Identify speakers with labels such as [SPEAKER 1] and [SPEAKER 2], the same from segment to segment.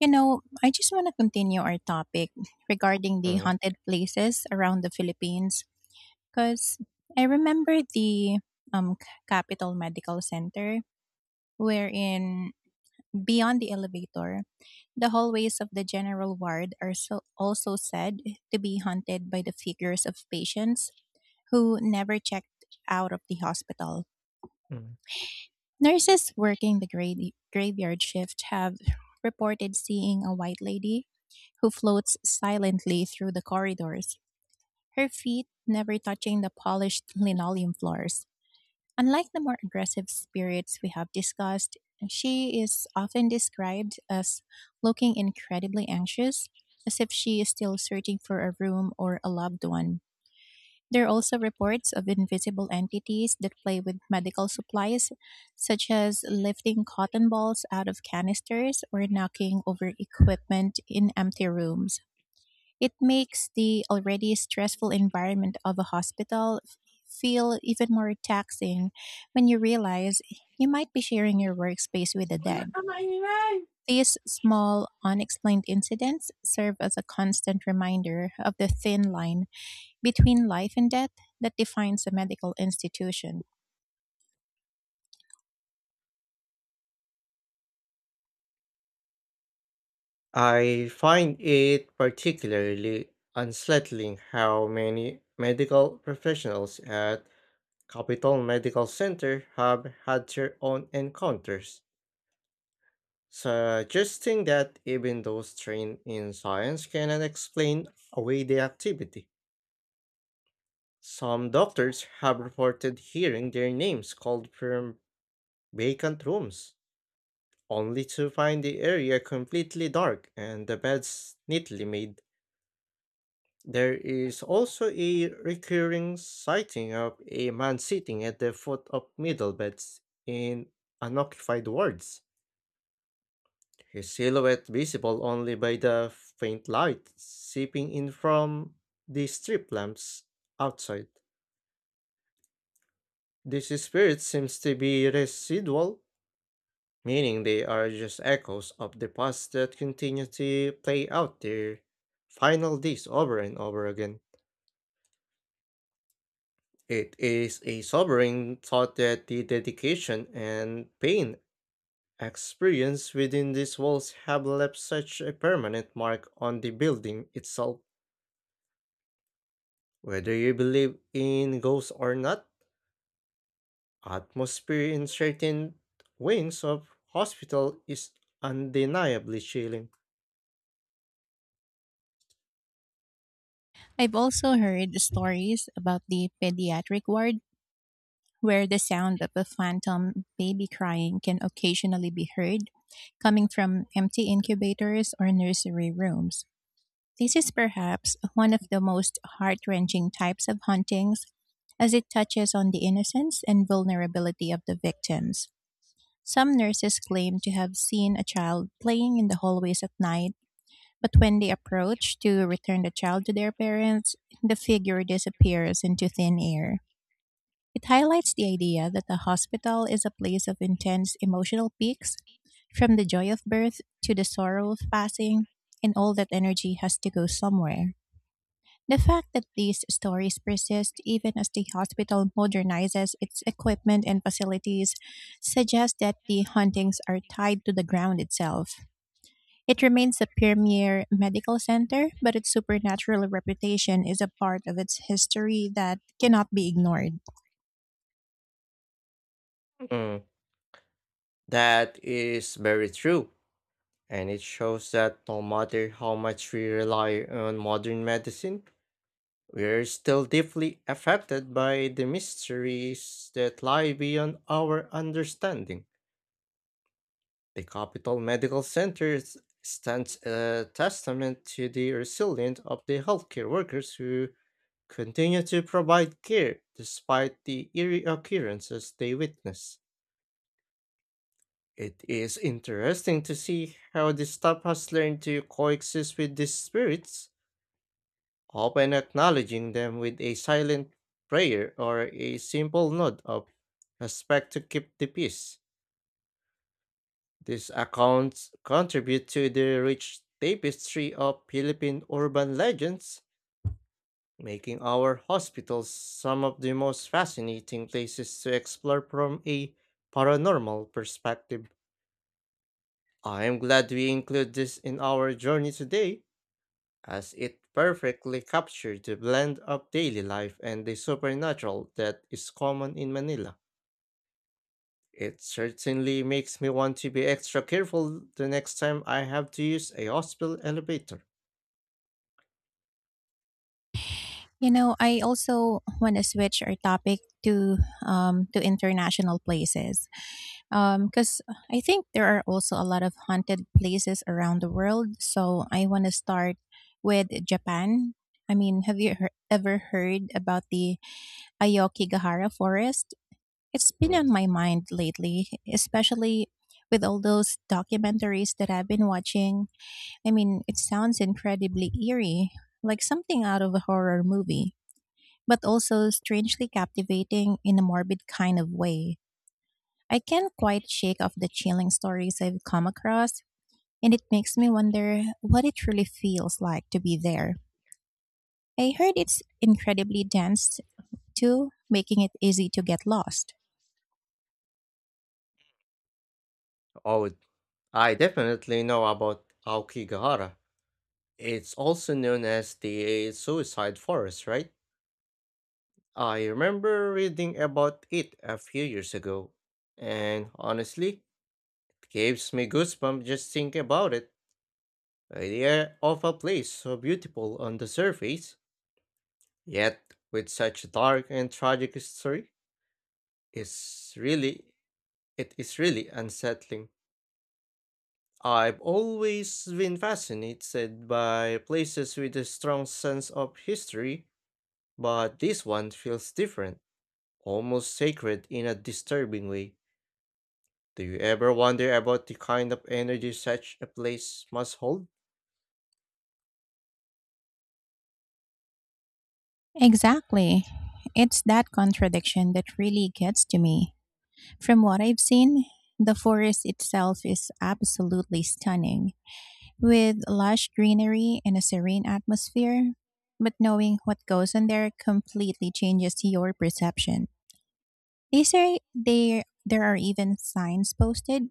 [SPEAKER 1] You know, I just want to continue our topic regarding the
[SPEAKER 2] Mm,
[SPEAKER 1] haunted places around the Philippines because I remember the Capital Medical Center, wherein beyond the elevator, the hallways of the general ward are so also said to be haunted by the figures of patients who never checked out of the hospital.
[SPEAKER 2] mm.
[SPEAKER 1] Nurses working the graveyard shift have reported seeing a white lady who floats silently through the corridors, her feet never touching the polished linoleum floors. Unlike the more aggressive spirits we have discussed, she is often described as looking incredibly anxious, as if she is still searching for a room or a loved one. There are also reports of invisible entities that play with medical supplies, such as lifting cotton balls out of canisters or knocking over equipment in empty rooms. It makes the already stressful environment of a hospital feel even more taxing when you realize you might be sharing your workspace with the dead. These small, unexplained incidents serve as a constant reminder of the thin line between life and death that defines a medical institution.
[SPEAKER 2] I find it particularly unsettling how many medical professionals at Capital Medical Center have had their own encounters, suggesting that even those trained in science cannot explain away the activity. Some doctors have reported hearing their names called from vacant rooms, only to find the area completely dark and the beds neatly made. There is also a recurring sighting of a man sitting at the foot of middle beds in unoccupied wards, his silhouette visible only by the faint light seeping in from the strip lamps outside. This spirit seems to be residual, meaning they are just echoes of the past that continue to play out their final days over and over again. It is a sobering thought that the dedication and pain experienced within these walls have left such a permanent mark on the building itself. Whether you believe in ghosts or not, atmosphere in certain wings of hospital is undeniably chilling.
[SPEAKER 1] I've also heard stories about the pediatric ward where the sound of a phantom baby crying can occasionally be heard coming from empty incubators or nursery rooms. This is perhaps one of the most heart wrenching types of hauntings as it touches on the innocence and vulnerability of the victims. Some nurses claim to have seen a child playing in the hallways at night, but when they approach to return the child to their parents, the figure disappears into thin air. It highlights the idea that a hospital is a place of intense emotional peaks, from the joy of birth to the sorrow of passing, and all that energy has to go somewhere. The fact that these stories persist even as the hospital modernizes its equipment and facilities suggests that the hauntings are tied to the ground itself. It remains a premier medical center, but its supernatural reputation is a part of its history that cannot be ignored.
[SPEAKER 2] Mm, that is very true, and it shows that no matter how much we rely on modern medicine, we're still deeply affected by the mysteries that lie beyond our understanding. The Capital Medical Center stands a testament to the resilience of the healthcare workers who continue to provide care despite the eerie occurrences they witness. It is interesting to see how the staff has learned to coexist with these spirits, often acknowledging them with a silent prayer or a simple nod of respect to keep the peace. These accounts contribute to the rich tapestry of Philippine urban legends, making our hospitals some of the most fascinating places to explore from a paranormal perspective. I am glad we include this in our journey today, as it perfectly captured the blend of daily life and the supernatural that is common in Manila. It certainly makes me want to be extra careful the next time I have to use a hospital elevator.
[SPEAKER 1] You know, I also want to switch our topic to international places because I think there are also a lot of haunted places around the world. So I want to start with Japan. I mean, ever heard about the Ayokigahara forest? It's been
[SPEAKER 2] Mm.
[SPEAKER 1] on my mind lately, especially with all those documentaries that I've been watching. I mean, it sounds incredibly eerie, like something out of a horror movie but also strangely captivating in a morbid kind of way. I can't quite shake off the chilling stories I've come across, and it makes me wonder what it really feels like to be there. I heard it's incredibly dense too, making it easy to get lost.
[SPEAKER 2] Oh, I definitely know about Aokigahara. It's also known as the suicide forest, right? I remember reading about it a few years ago, and honestly, it gives me goosebumps just thinking about it. The idea of a place so beautiful on the surface, yet with such a dark and tragic history, is really it is really unsettling. I've always been fascinated by places with a strong sense of history, but this one feels different, almost sacred in a disturbing way. Do you ever wonder about the kind of energy such a place must hold?
[SPEAKER 1] Exactly. It's that contradiction that really gets to me. From what I've seen, the forest itself is absolutely stunning with lush greenery and a serene atmosphere, but knowing what goes on there completely changes your perception. They say there are even signs posted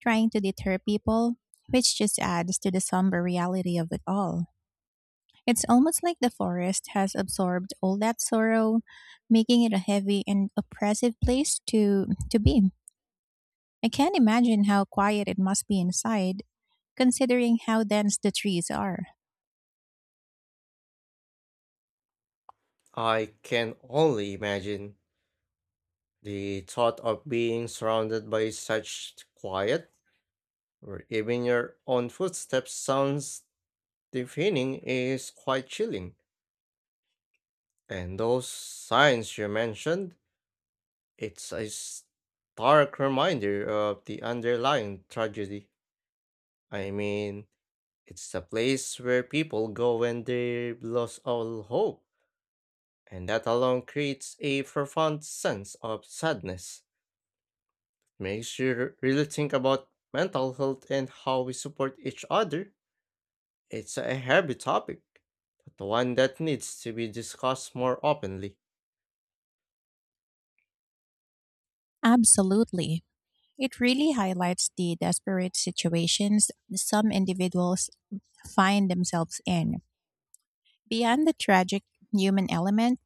[SPEAKER 1] trying to deter people, which just adds to the somber reality of it all. It's almost like the forest has absorbed all that sorrow, making it a heavy and oppressive place to be. I can't imagine how quiet it must be inside, considering how dense the trees are.
[SPEAKER 2] I can only imagine the thought of being surrounded by such quiet, or even your own footsteps sounds deafening, is quite chilling. And those signs you mentioned, it's a stark reminder of the underlying tragedy. I mean, it's a place where people go when they've lost all hope, and that alone creates a profound sense of sadness. Makes you really think about mental health and how we support each other. It's a heavy topic, but one that needs to be discussed more openly.
[SPEAKER 1] Absolutely. It really highlights the desperate situations some individuals find themselves in. Beyond the tragic human element,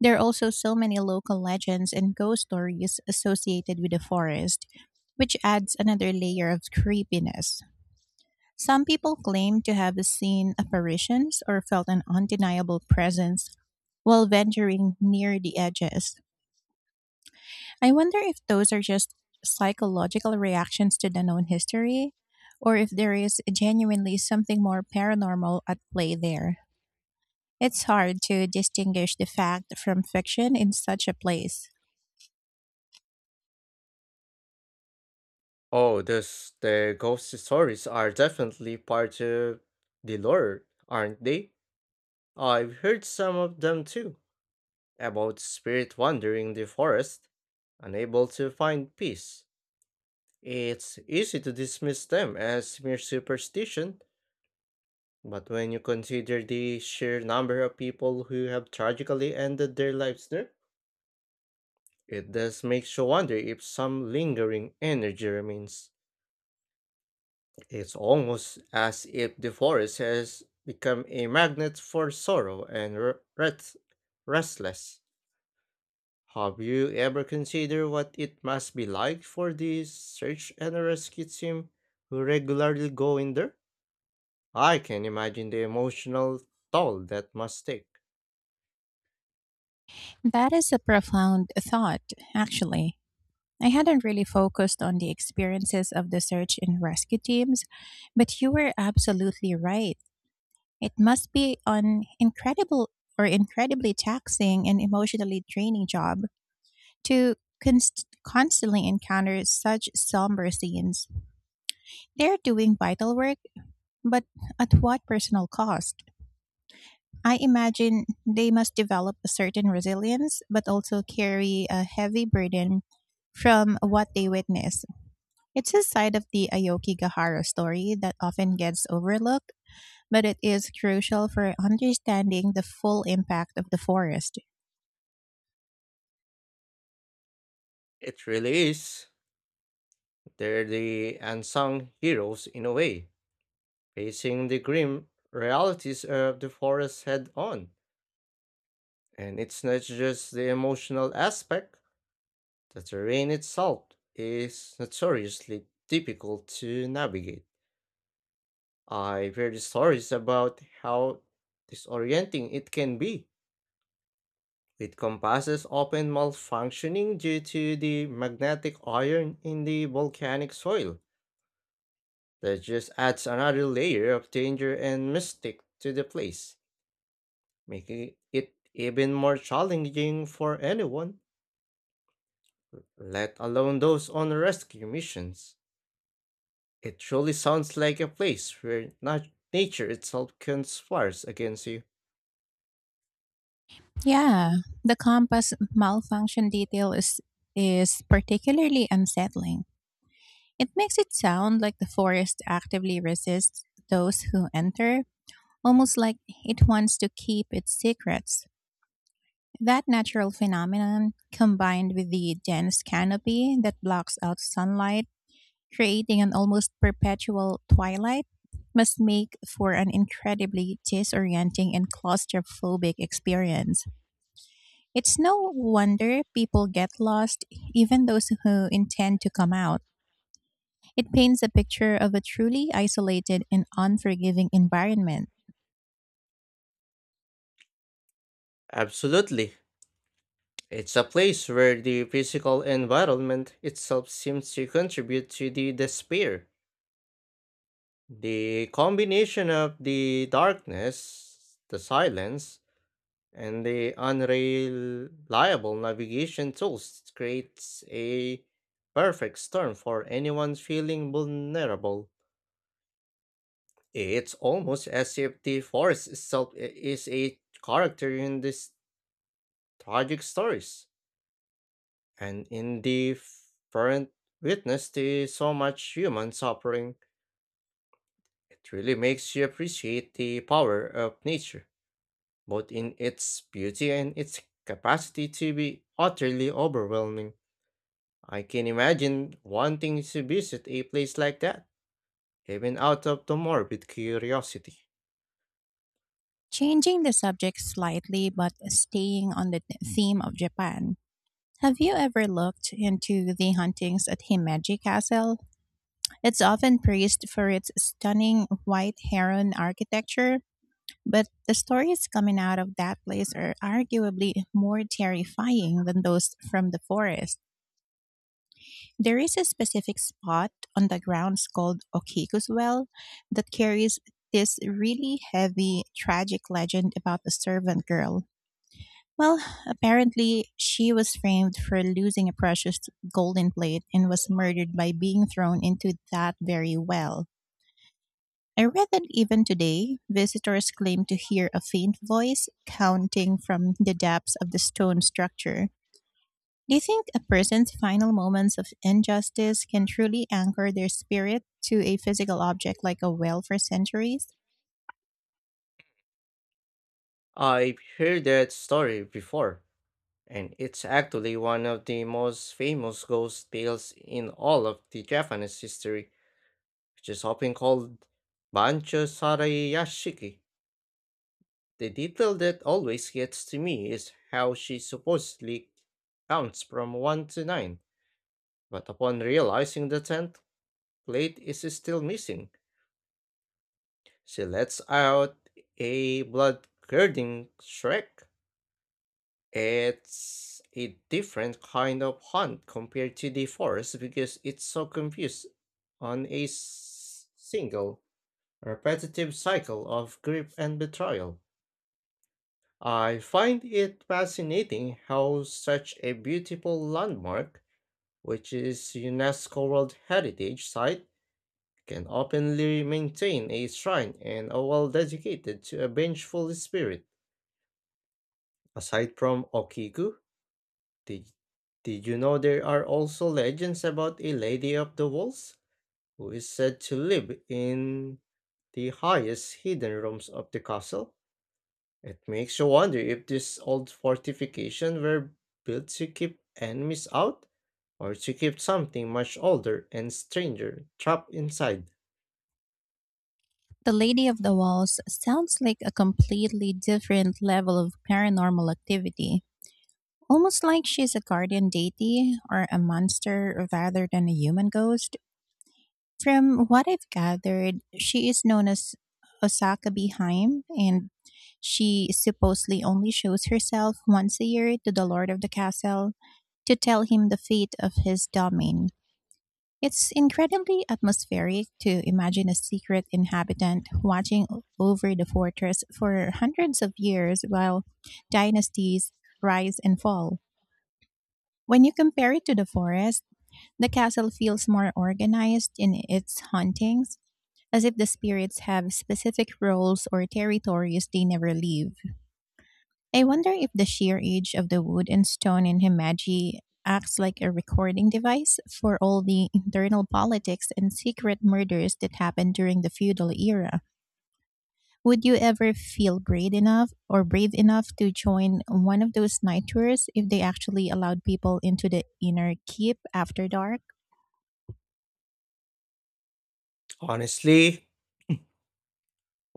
[SPEAKER 1] there are also so many local legends and ghost stories associated with the forest, which adds another layer of creepiness. Some people claim to have seen apparitions or felt an undeniable presence while venturing near the edges. I wonder if those are just psychological reactions to the known history, or if there is genuinely something more paranormal at play there. It's hard to distinguish the fact from fiction in such a place.
[SPEAKER 2] Oh, this, the ghost stories are definitely part of the lore, aren't they? I've heard some of them too, about spirit wandering the forest, unable to find peace. It's easy to dismiss them as mere superstition, but when you consider the sheer number of people who have tragically ended their lives there, it does make you wonder if some lingering energy remains. It's almost as if the forest has become a magnet for sorrow and restless. Have you ever considered what it must be like for the search and rescue team who regularly go in there? I can imagine the emotional toll that must take.
[SPEAKER 1] That is a profound thought, actually. I hadn't really focused on the experiences of the search and rescue teams, but you were absolutely right. It must be an incredible or incredibly taxing and emotionally draining job to constantly encounter such somber scenes. They're doing vital work, but at what personal cost? I imagine they must develop a certain resilience, but also carry a heavy burden from what they witness. It's a side of the Aoki Gahara story that often gets overlooked, but it is crucial for understanding the full impact of the forest.
[SPEAKER 2] It really is. They're the unsung heroes in a way, facing the grim realities of the forest head on. And it's not just the emotional aspect, the terrain itself is notoriously difficult to navigate. I've heard stories about how disorienting it can be, with compasses often malfunctioning due to the magnetic iron in the volcanic soil. That just adds another layer of danger and mystic to the place, making it even more challenging for anyone, let alone those on rescue missions. It truly sounds like a place where nature itself conspires against you.
[SPEAKER 1] Yeah, the compass malfunction detail is particularly unsettling. It makes it sound like the forest actively resists those who enter, almost like it wants to keep its secrets. That natural phenomenon, combined with the dense canopy that blocks out sunlight, creating an almost perpetual twilight, must make for an incredibly disorienting and claustrophobic experience. It's no wonder people get lost, even those who intend to come out. It paints a picture of a truly isolated and unforgiving environment.
[SPEAKER 2] Absolutely. It's a place where the physical environment itself seems to contribute to the despair. The combination of the darkness, the silence, and the unreliable navigation tools creates a perfect storm for anyone feeling vulnerable. It's almost as if the forest itself is a character in these tragic stories. And indifferent witness to so much human suffering, it really makes you appreciate the power of nature, both in its beauty and its capacity to be utterly overwhelming. I can imagine wanting to visit a place like that, even out of the morbid curiosity.
[SPEAKER 1] Changing the subject slightly but staying on the theme of Japan. Have you ever looked into the hauntings at Himeji Castle? It's often praised for its stunning white heron architecture, but the stories coming out of that place are arguably more terrifying than those from the forest. There is a specific spot on the grounds called Okiku's Well that carries this really heavy, tragic legend about a servant girl. Well, apparently, she was framed for losing a precious golden plate and was murdered by being thrown into that very well. I read that even today, visitors claim to hear a faint voice counting from the depths of the stone structure. Do you think a person's final moments of injustice can truly anchor their spirit to a physical object like a whale for centuries?
[SPEAKER 2] I've heard that story before, and it's actually one of the most famous ghost tales in all of the Japanese history, which is often called Bancho Sarayashiki. The detail that always gets to me is how she supposedly counts from 1 to 9, but upon realizing the 10th plate is still missing, she lets out a blood-curdling shriek. It's a different kind of hunt compared to the forest because it's so confused on a single repetitive cycle of grief and betrayal. I find it fascinating how such a beautiful landmark, which is UNESCO World Heritage Site, can openly maintain a shrine and a wall dedicated to a vengeful spirit. Aside from Okiku, did, did you know there are also legends about a lady of the walls who is said to live in the highest hidden rooms of the castle? It makes you wonder if these old fortifications were built to keep enemies out or to keep something much older and stranger trapped inside.
[SPEAKER 1] The Lady of the Walls sounds like a completely different level of paranormal activity, almost like she's a guardian deity or a monster rather than a human ghost. From what I've gathered, she is known as Osaka Beheim, and she supposedly only shows herself once a year to the lord of the castle to tell him the fate of his domain. It's incredibly atmospheric to imagine a secret inhabitant watching over the fortress for hundreds of years while dynasties rise and fall. When you compare it to the forest, the castle feels more organized in its hauntings as if the spirits have specific roles or territories they never leave. I wonder if the sheer age of the wood and stone in Himeji acts like a recording device for all the internal politics and secret murders that happened during the feudal era. Would you ever feel brave enough or brave enough to join one of those night tours if they actually allowed people into the inner keep after dark?
[SPEAKER 2] Honestly,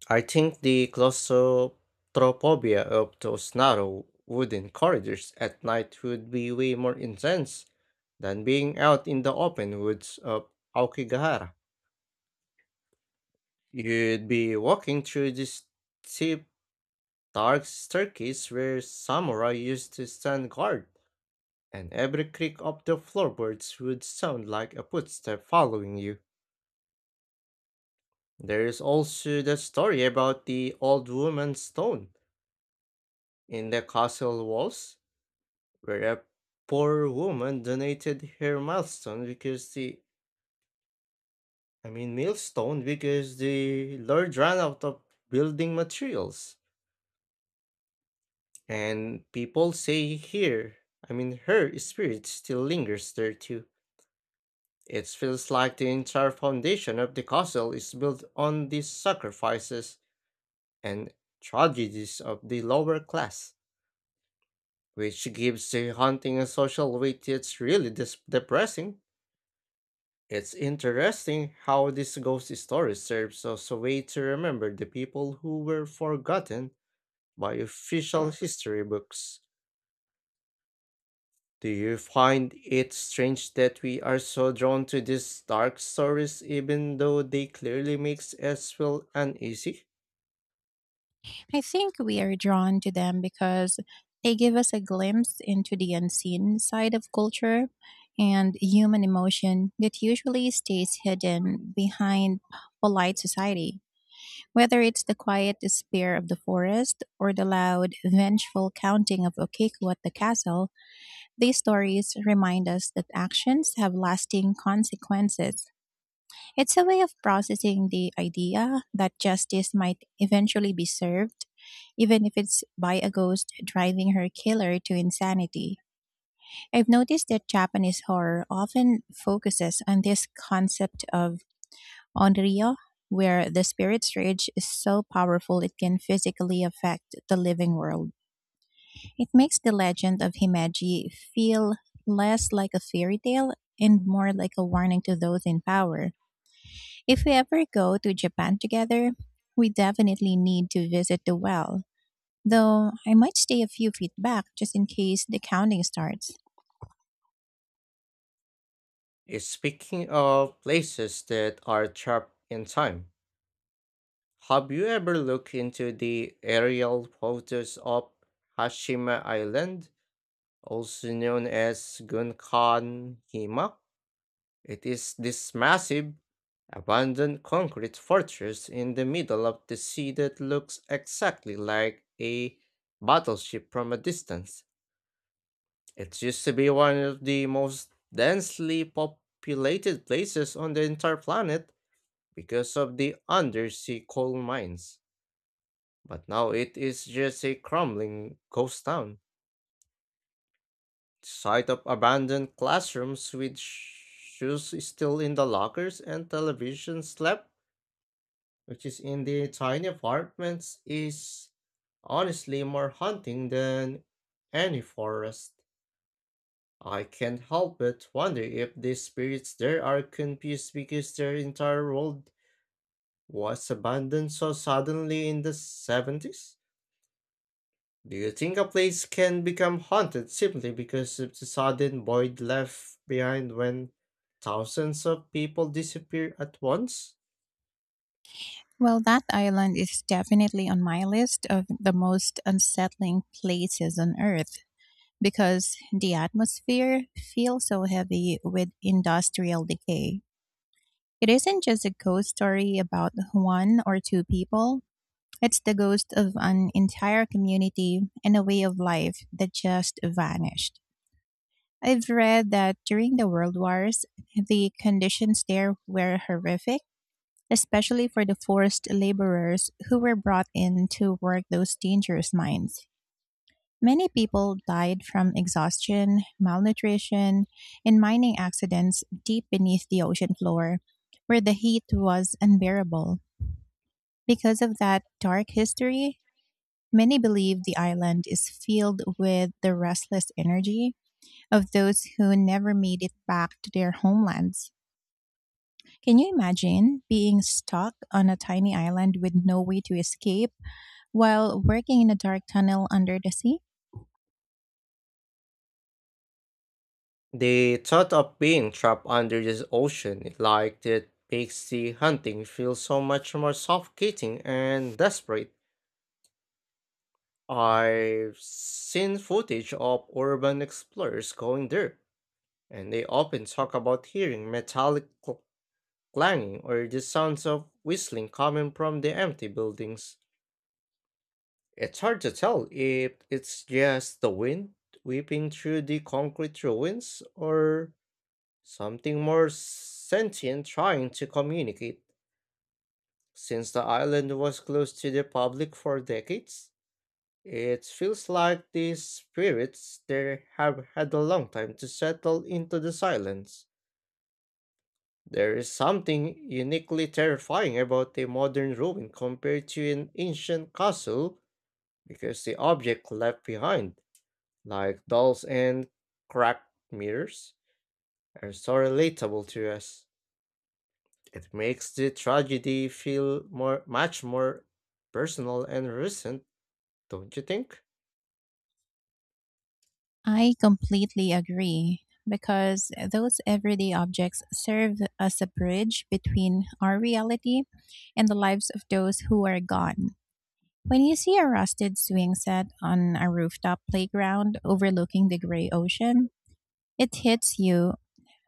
[SPEAKER 2] I think the claustrophobia of those narrow wooden corridors at night would be way more intense than being out in the open woods of Aokigahara. You'd be walking through this steep, dark staircase where samurai used to stand guard, and every creak of the floorboards would sound like a footstep following you. There is also the story about the old woman's stone in the castle walls, where a poor woman donated her milestone because the I mean millstone because the lord ran out of building materials. And people say here, I mean her spirit still lingers there too. It feels like the entire foundation of the castle is built on the sacrifices and tragedies of the lower class, which gives the hunting a social weight. It's really depressing. It's interesting how this ghost story serves as a way to remember the people who were forgotten by official history books. Do you find it strange that we are so drawn to these dark stories even though they clearly makes us feel uneasy?
[SPEAKER 1] I think we are drawn to them because they give us a glimpse into the unseen side of culture and human emotion that usually stays hidden behind polite society. Whether it's the quiet despair of the forest or the loud, vengeful counting of Okiku at the castle, these stories remind us that actions have lasting consequences. It's a way of processing the idea that justice might eventually be served, even if it's by a ghost driving her killer to insanity. I've noticed that Japanese horror often focuses on this concept of onryo, where the spirit's rage is so powerful it can physically affect the living world. It makes the legend of Himeji feel less like a fairy tale and more like a warning to those in power. If we ever go to Japan together, we definitely need to visit the well, though I might stay a few feet back just in case the counting starts.
[SPEAKER 2] Eh, speaking of places that are trapped in time, have you ever looked into the aerial photos of Hashima Island, also known as Gunkan Hima? It is this massive, abandoned concrete fortress in the middle of the sea that looks exactly like a battleship from a distance. It used to be one of the most densely populated places on the entire planet because of the undersea coal mines. But now it is just a crumbling ghost town. The sight of abandoned classrooms with shoes still in the lockers and televisions left which is in the tiny apartments, is honestly more haunting than any forest. I can't help but wonder if the spirits there are confused because their entire world was abandoned so suddenly in the 70s. Do you think a place can become haunted simply because of the sudden void left behind when thousands of people disappear at once?
[SPEAKER 1] Well, that island is definitely on my list of the most unsettling places on Earth, because the atmosphere feels so heavy with industrial decay. It isn't just a ghost story about one or two people. It's the ghost of an entire community and a way of life that just vanished. I've read that during the World Wars, the conditions there were horrific, especially for the forced laborers who were brought in to work those dangerous mines. Many people died from exhaustion, malnutrition, and mining accidents deep beneath the ocean floor, where the heat was unbearable. Because of that dark history, many believe the island is filled with the restless energy of those who never made it back to their homelands. Can you imagine being stuck on a tiny island with no way to escape while working in a dark tunnel under the sea?
[SPEAKER 2] The thought of being trapped under the ocean like that makes the hunting feel so much more suffocating and desperate. I've seen footage of urban explorers going there, and they often talk about hearing metallic clanging or the sounds of whistling coming from the empty buildings. It's hard to tell if it's just the wind whipping through the concrete ruins or something more sentient trying to communicate. Since the island was closed to the public for decades, it feels like these spirits there have had a long time to settle into the silence. There is something uniquely terrifying about a modern ruin compared to an ancient castle because the objects left behind, like dolls and cracked mirrors, are so relatable to us. It makes the tragedy feel more much more personal and recent, don't you think?
[SPEAKER 1] I completely agree because those everyday objects serve as a bridge between our reality and the lives of those who are gone. When you see a rusted swing set on a rooftop playground overlooking the gray ocean, it hits you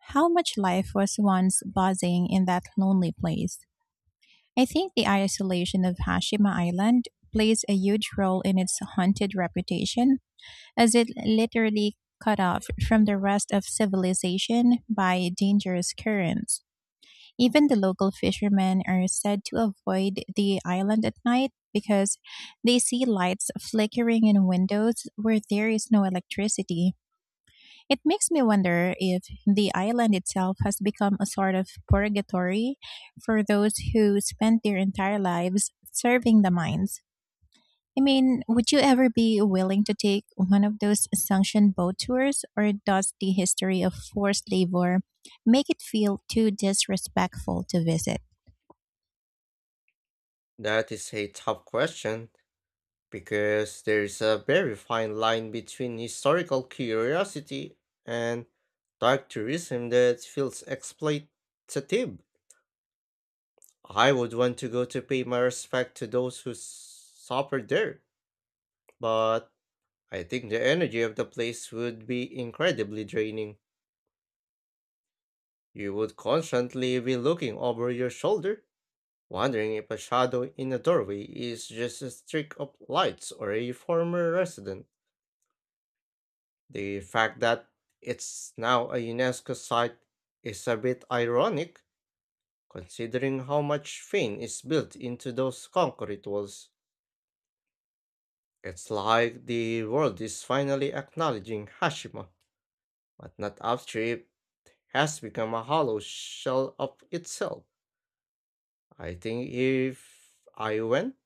[SPEAKER 1] how much life was once buzzing in that lonely place. I think the isolation of Hashima Island plays a huge role in its haunted reputation as it literally cut off from the rest of civilization by dangerous currents. Even the local fishermen are said to avoid the island at night because they see lights flickering in windows where there is no electricity. It makes me wonder if the island itself has become a sort of purgatory for those who spent their entire lives serving the mines. I mean, would you ever be willing to take one of those sanctioned boat tours, or does the history of forced labor make it feel too disrespectful to visit?
[SPEAKER 2] That is a tough question because there is a very fine line between historical curiosity and dark tourism that feels exploitative. I would want to go to pay my respect to those who suffered there, but I think the energy of the place would be incredibly draining. You would constantly be looking over your shoulder, wondering if a shadow in a doorway is just a streak of lights or a former resident. The fact that it's now a UNESCO site is a bit ironic, considering how much fame is built into those concrete walls. It's like the world is finally acknowledging Hashima, but not after it has become a hollow shell of itself. I think if I went,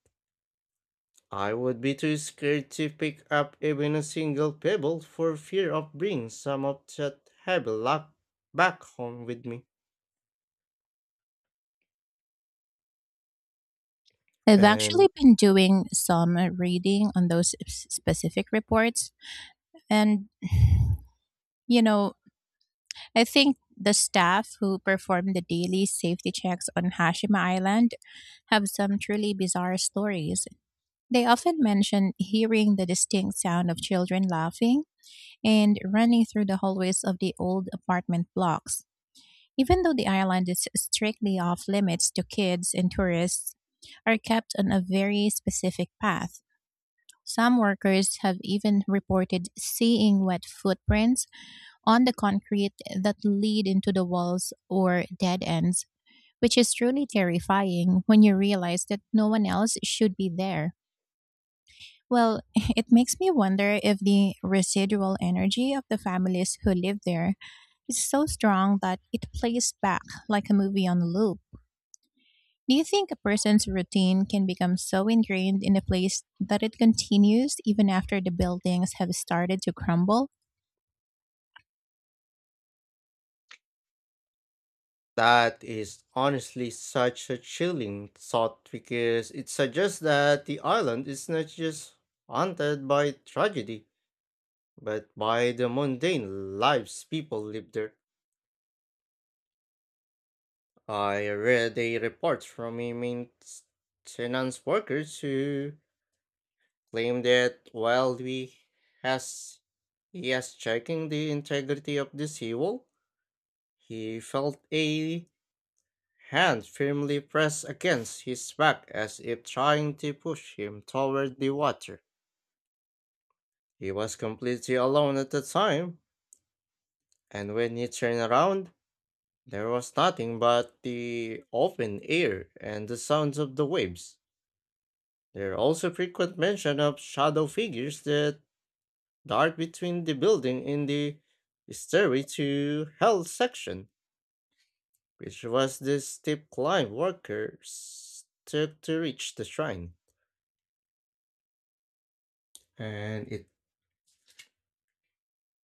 [SPEAKER 2] I would be too scared to pick up even a single pebble for fear of bringing some of that heavy luck back home with me.
[SPEAKER 1] I've actually
[SPEAKER 2] And
[SPEAKER 1] been doing some reading on those specific reports, and you know, I think the staff who perform the daily safety checks on Hashima Island have some truly bizarre stories. They often mention hearing the distinct sound of children laughing and running through the hallways of the old apartment blocks. Even though the island is strictly off limits to kids and tourists, are kept on a very specific path. Some workers have even reported seeing wet footprints on the concrete that lead into the walls or dead ends, which is truly terrifying when you realize that no one else should be there. Well, it makes me wonder if the residual energy of the families who live there is so strong that it plays back like a movie on a loop. Do you think a person's routine can become so ingrained in a place that it continues even after the buildings have started to crumble?
[SPEAKER 2] that is honestly such a chilling thought because it suggests that the island is not just haunted by tragedy, but by the mundane lives people live there. I read a report from a maintenance workers who claimed that while we has he has checking the integrity of the seawall, he felt a hand firmly pressed against his back as if trying to push him toward the water. He was completely alone at the time, and when he turned around, there was nothing but the open air and the sounds of the waves. There are also frequent mention of shadow figures that the art between the building in the stairway to hell section, which was the steep climb workers took to reach the shrine. And it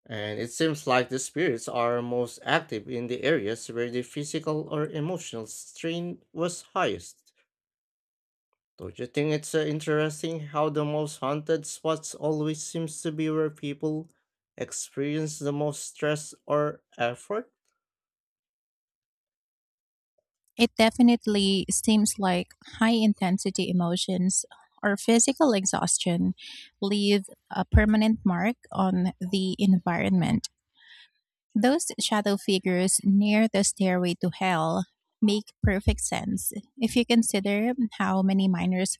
[SPEAKER 2] and it seems like the spirits are most active in the areas where the physical or emotional strain was highest. Don't you think it's interesting how the most haunted spots always seems to be where people experience the most stress or effort?
[SPEAKER 1] It definitely seems like high intensity emotions or physical exhaustion leave a permanent mark on the environment. Those shadow figures near the stairway to hell make perfect sense if you consider how many miners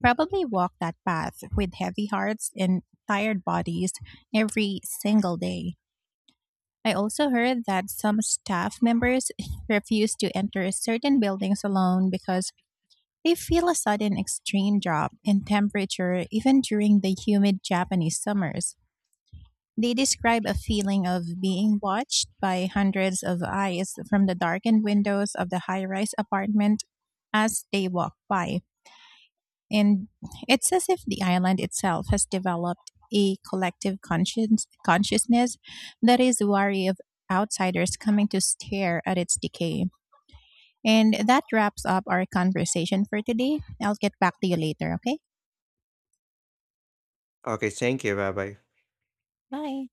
[SPEAKER 1] probably walk that path with heavy hearts and tired bodies every single day. I also heard that some staff members refuse to enter certain buildings alone because they feel a sudden extreme drop in temperature even during the humid Japanese summers. They describe a feeling of being watched by hundreds of eyes from the darkened windows of the high rise apartment as they walk by. And it's as if the island itself has developed a consciousness that is wary of outsiders coming to stare at its decay. And that wraps up our conversation for today. I'll get back to you later, okay?
[SPEAKER 2] Okay, thank you, bye bye.
[SPEAKER 1] Bye.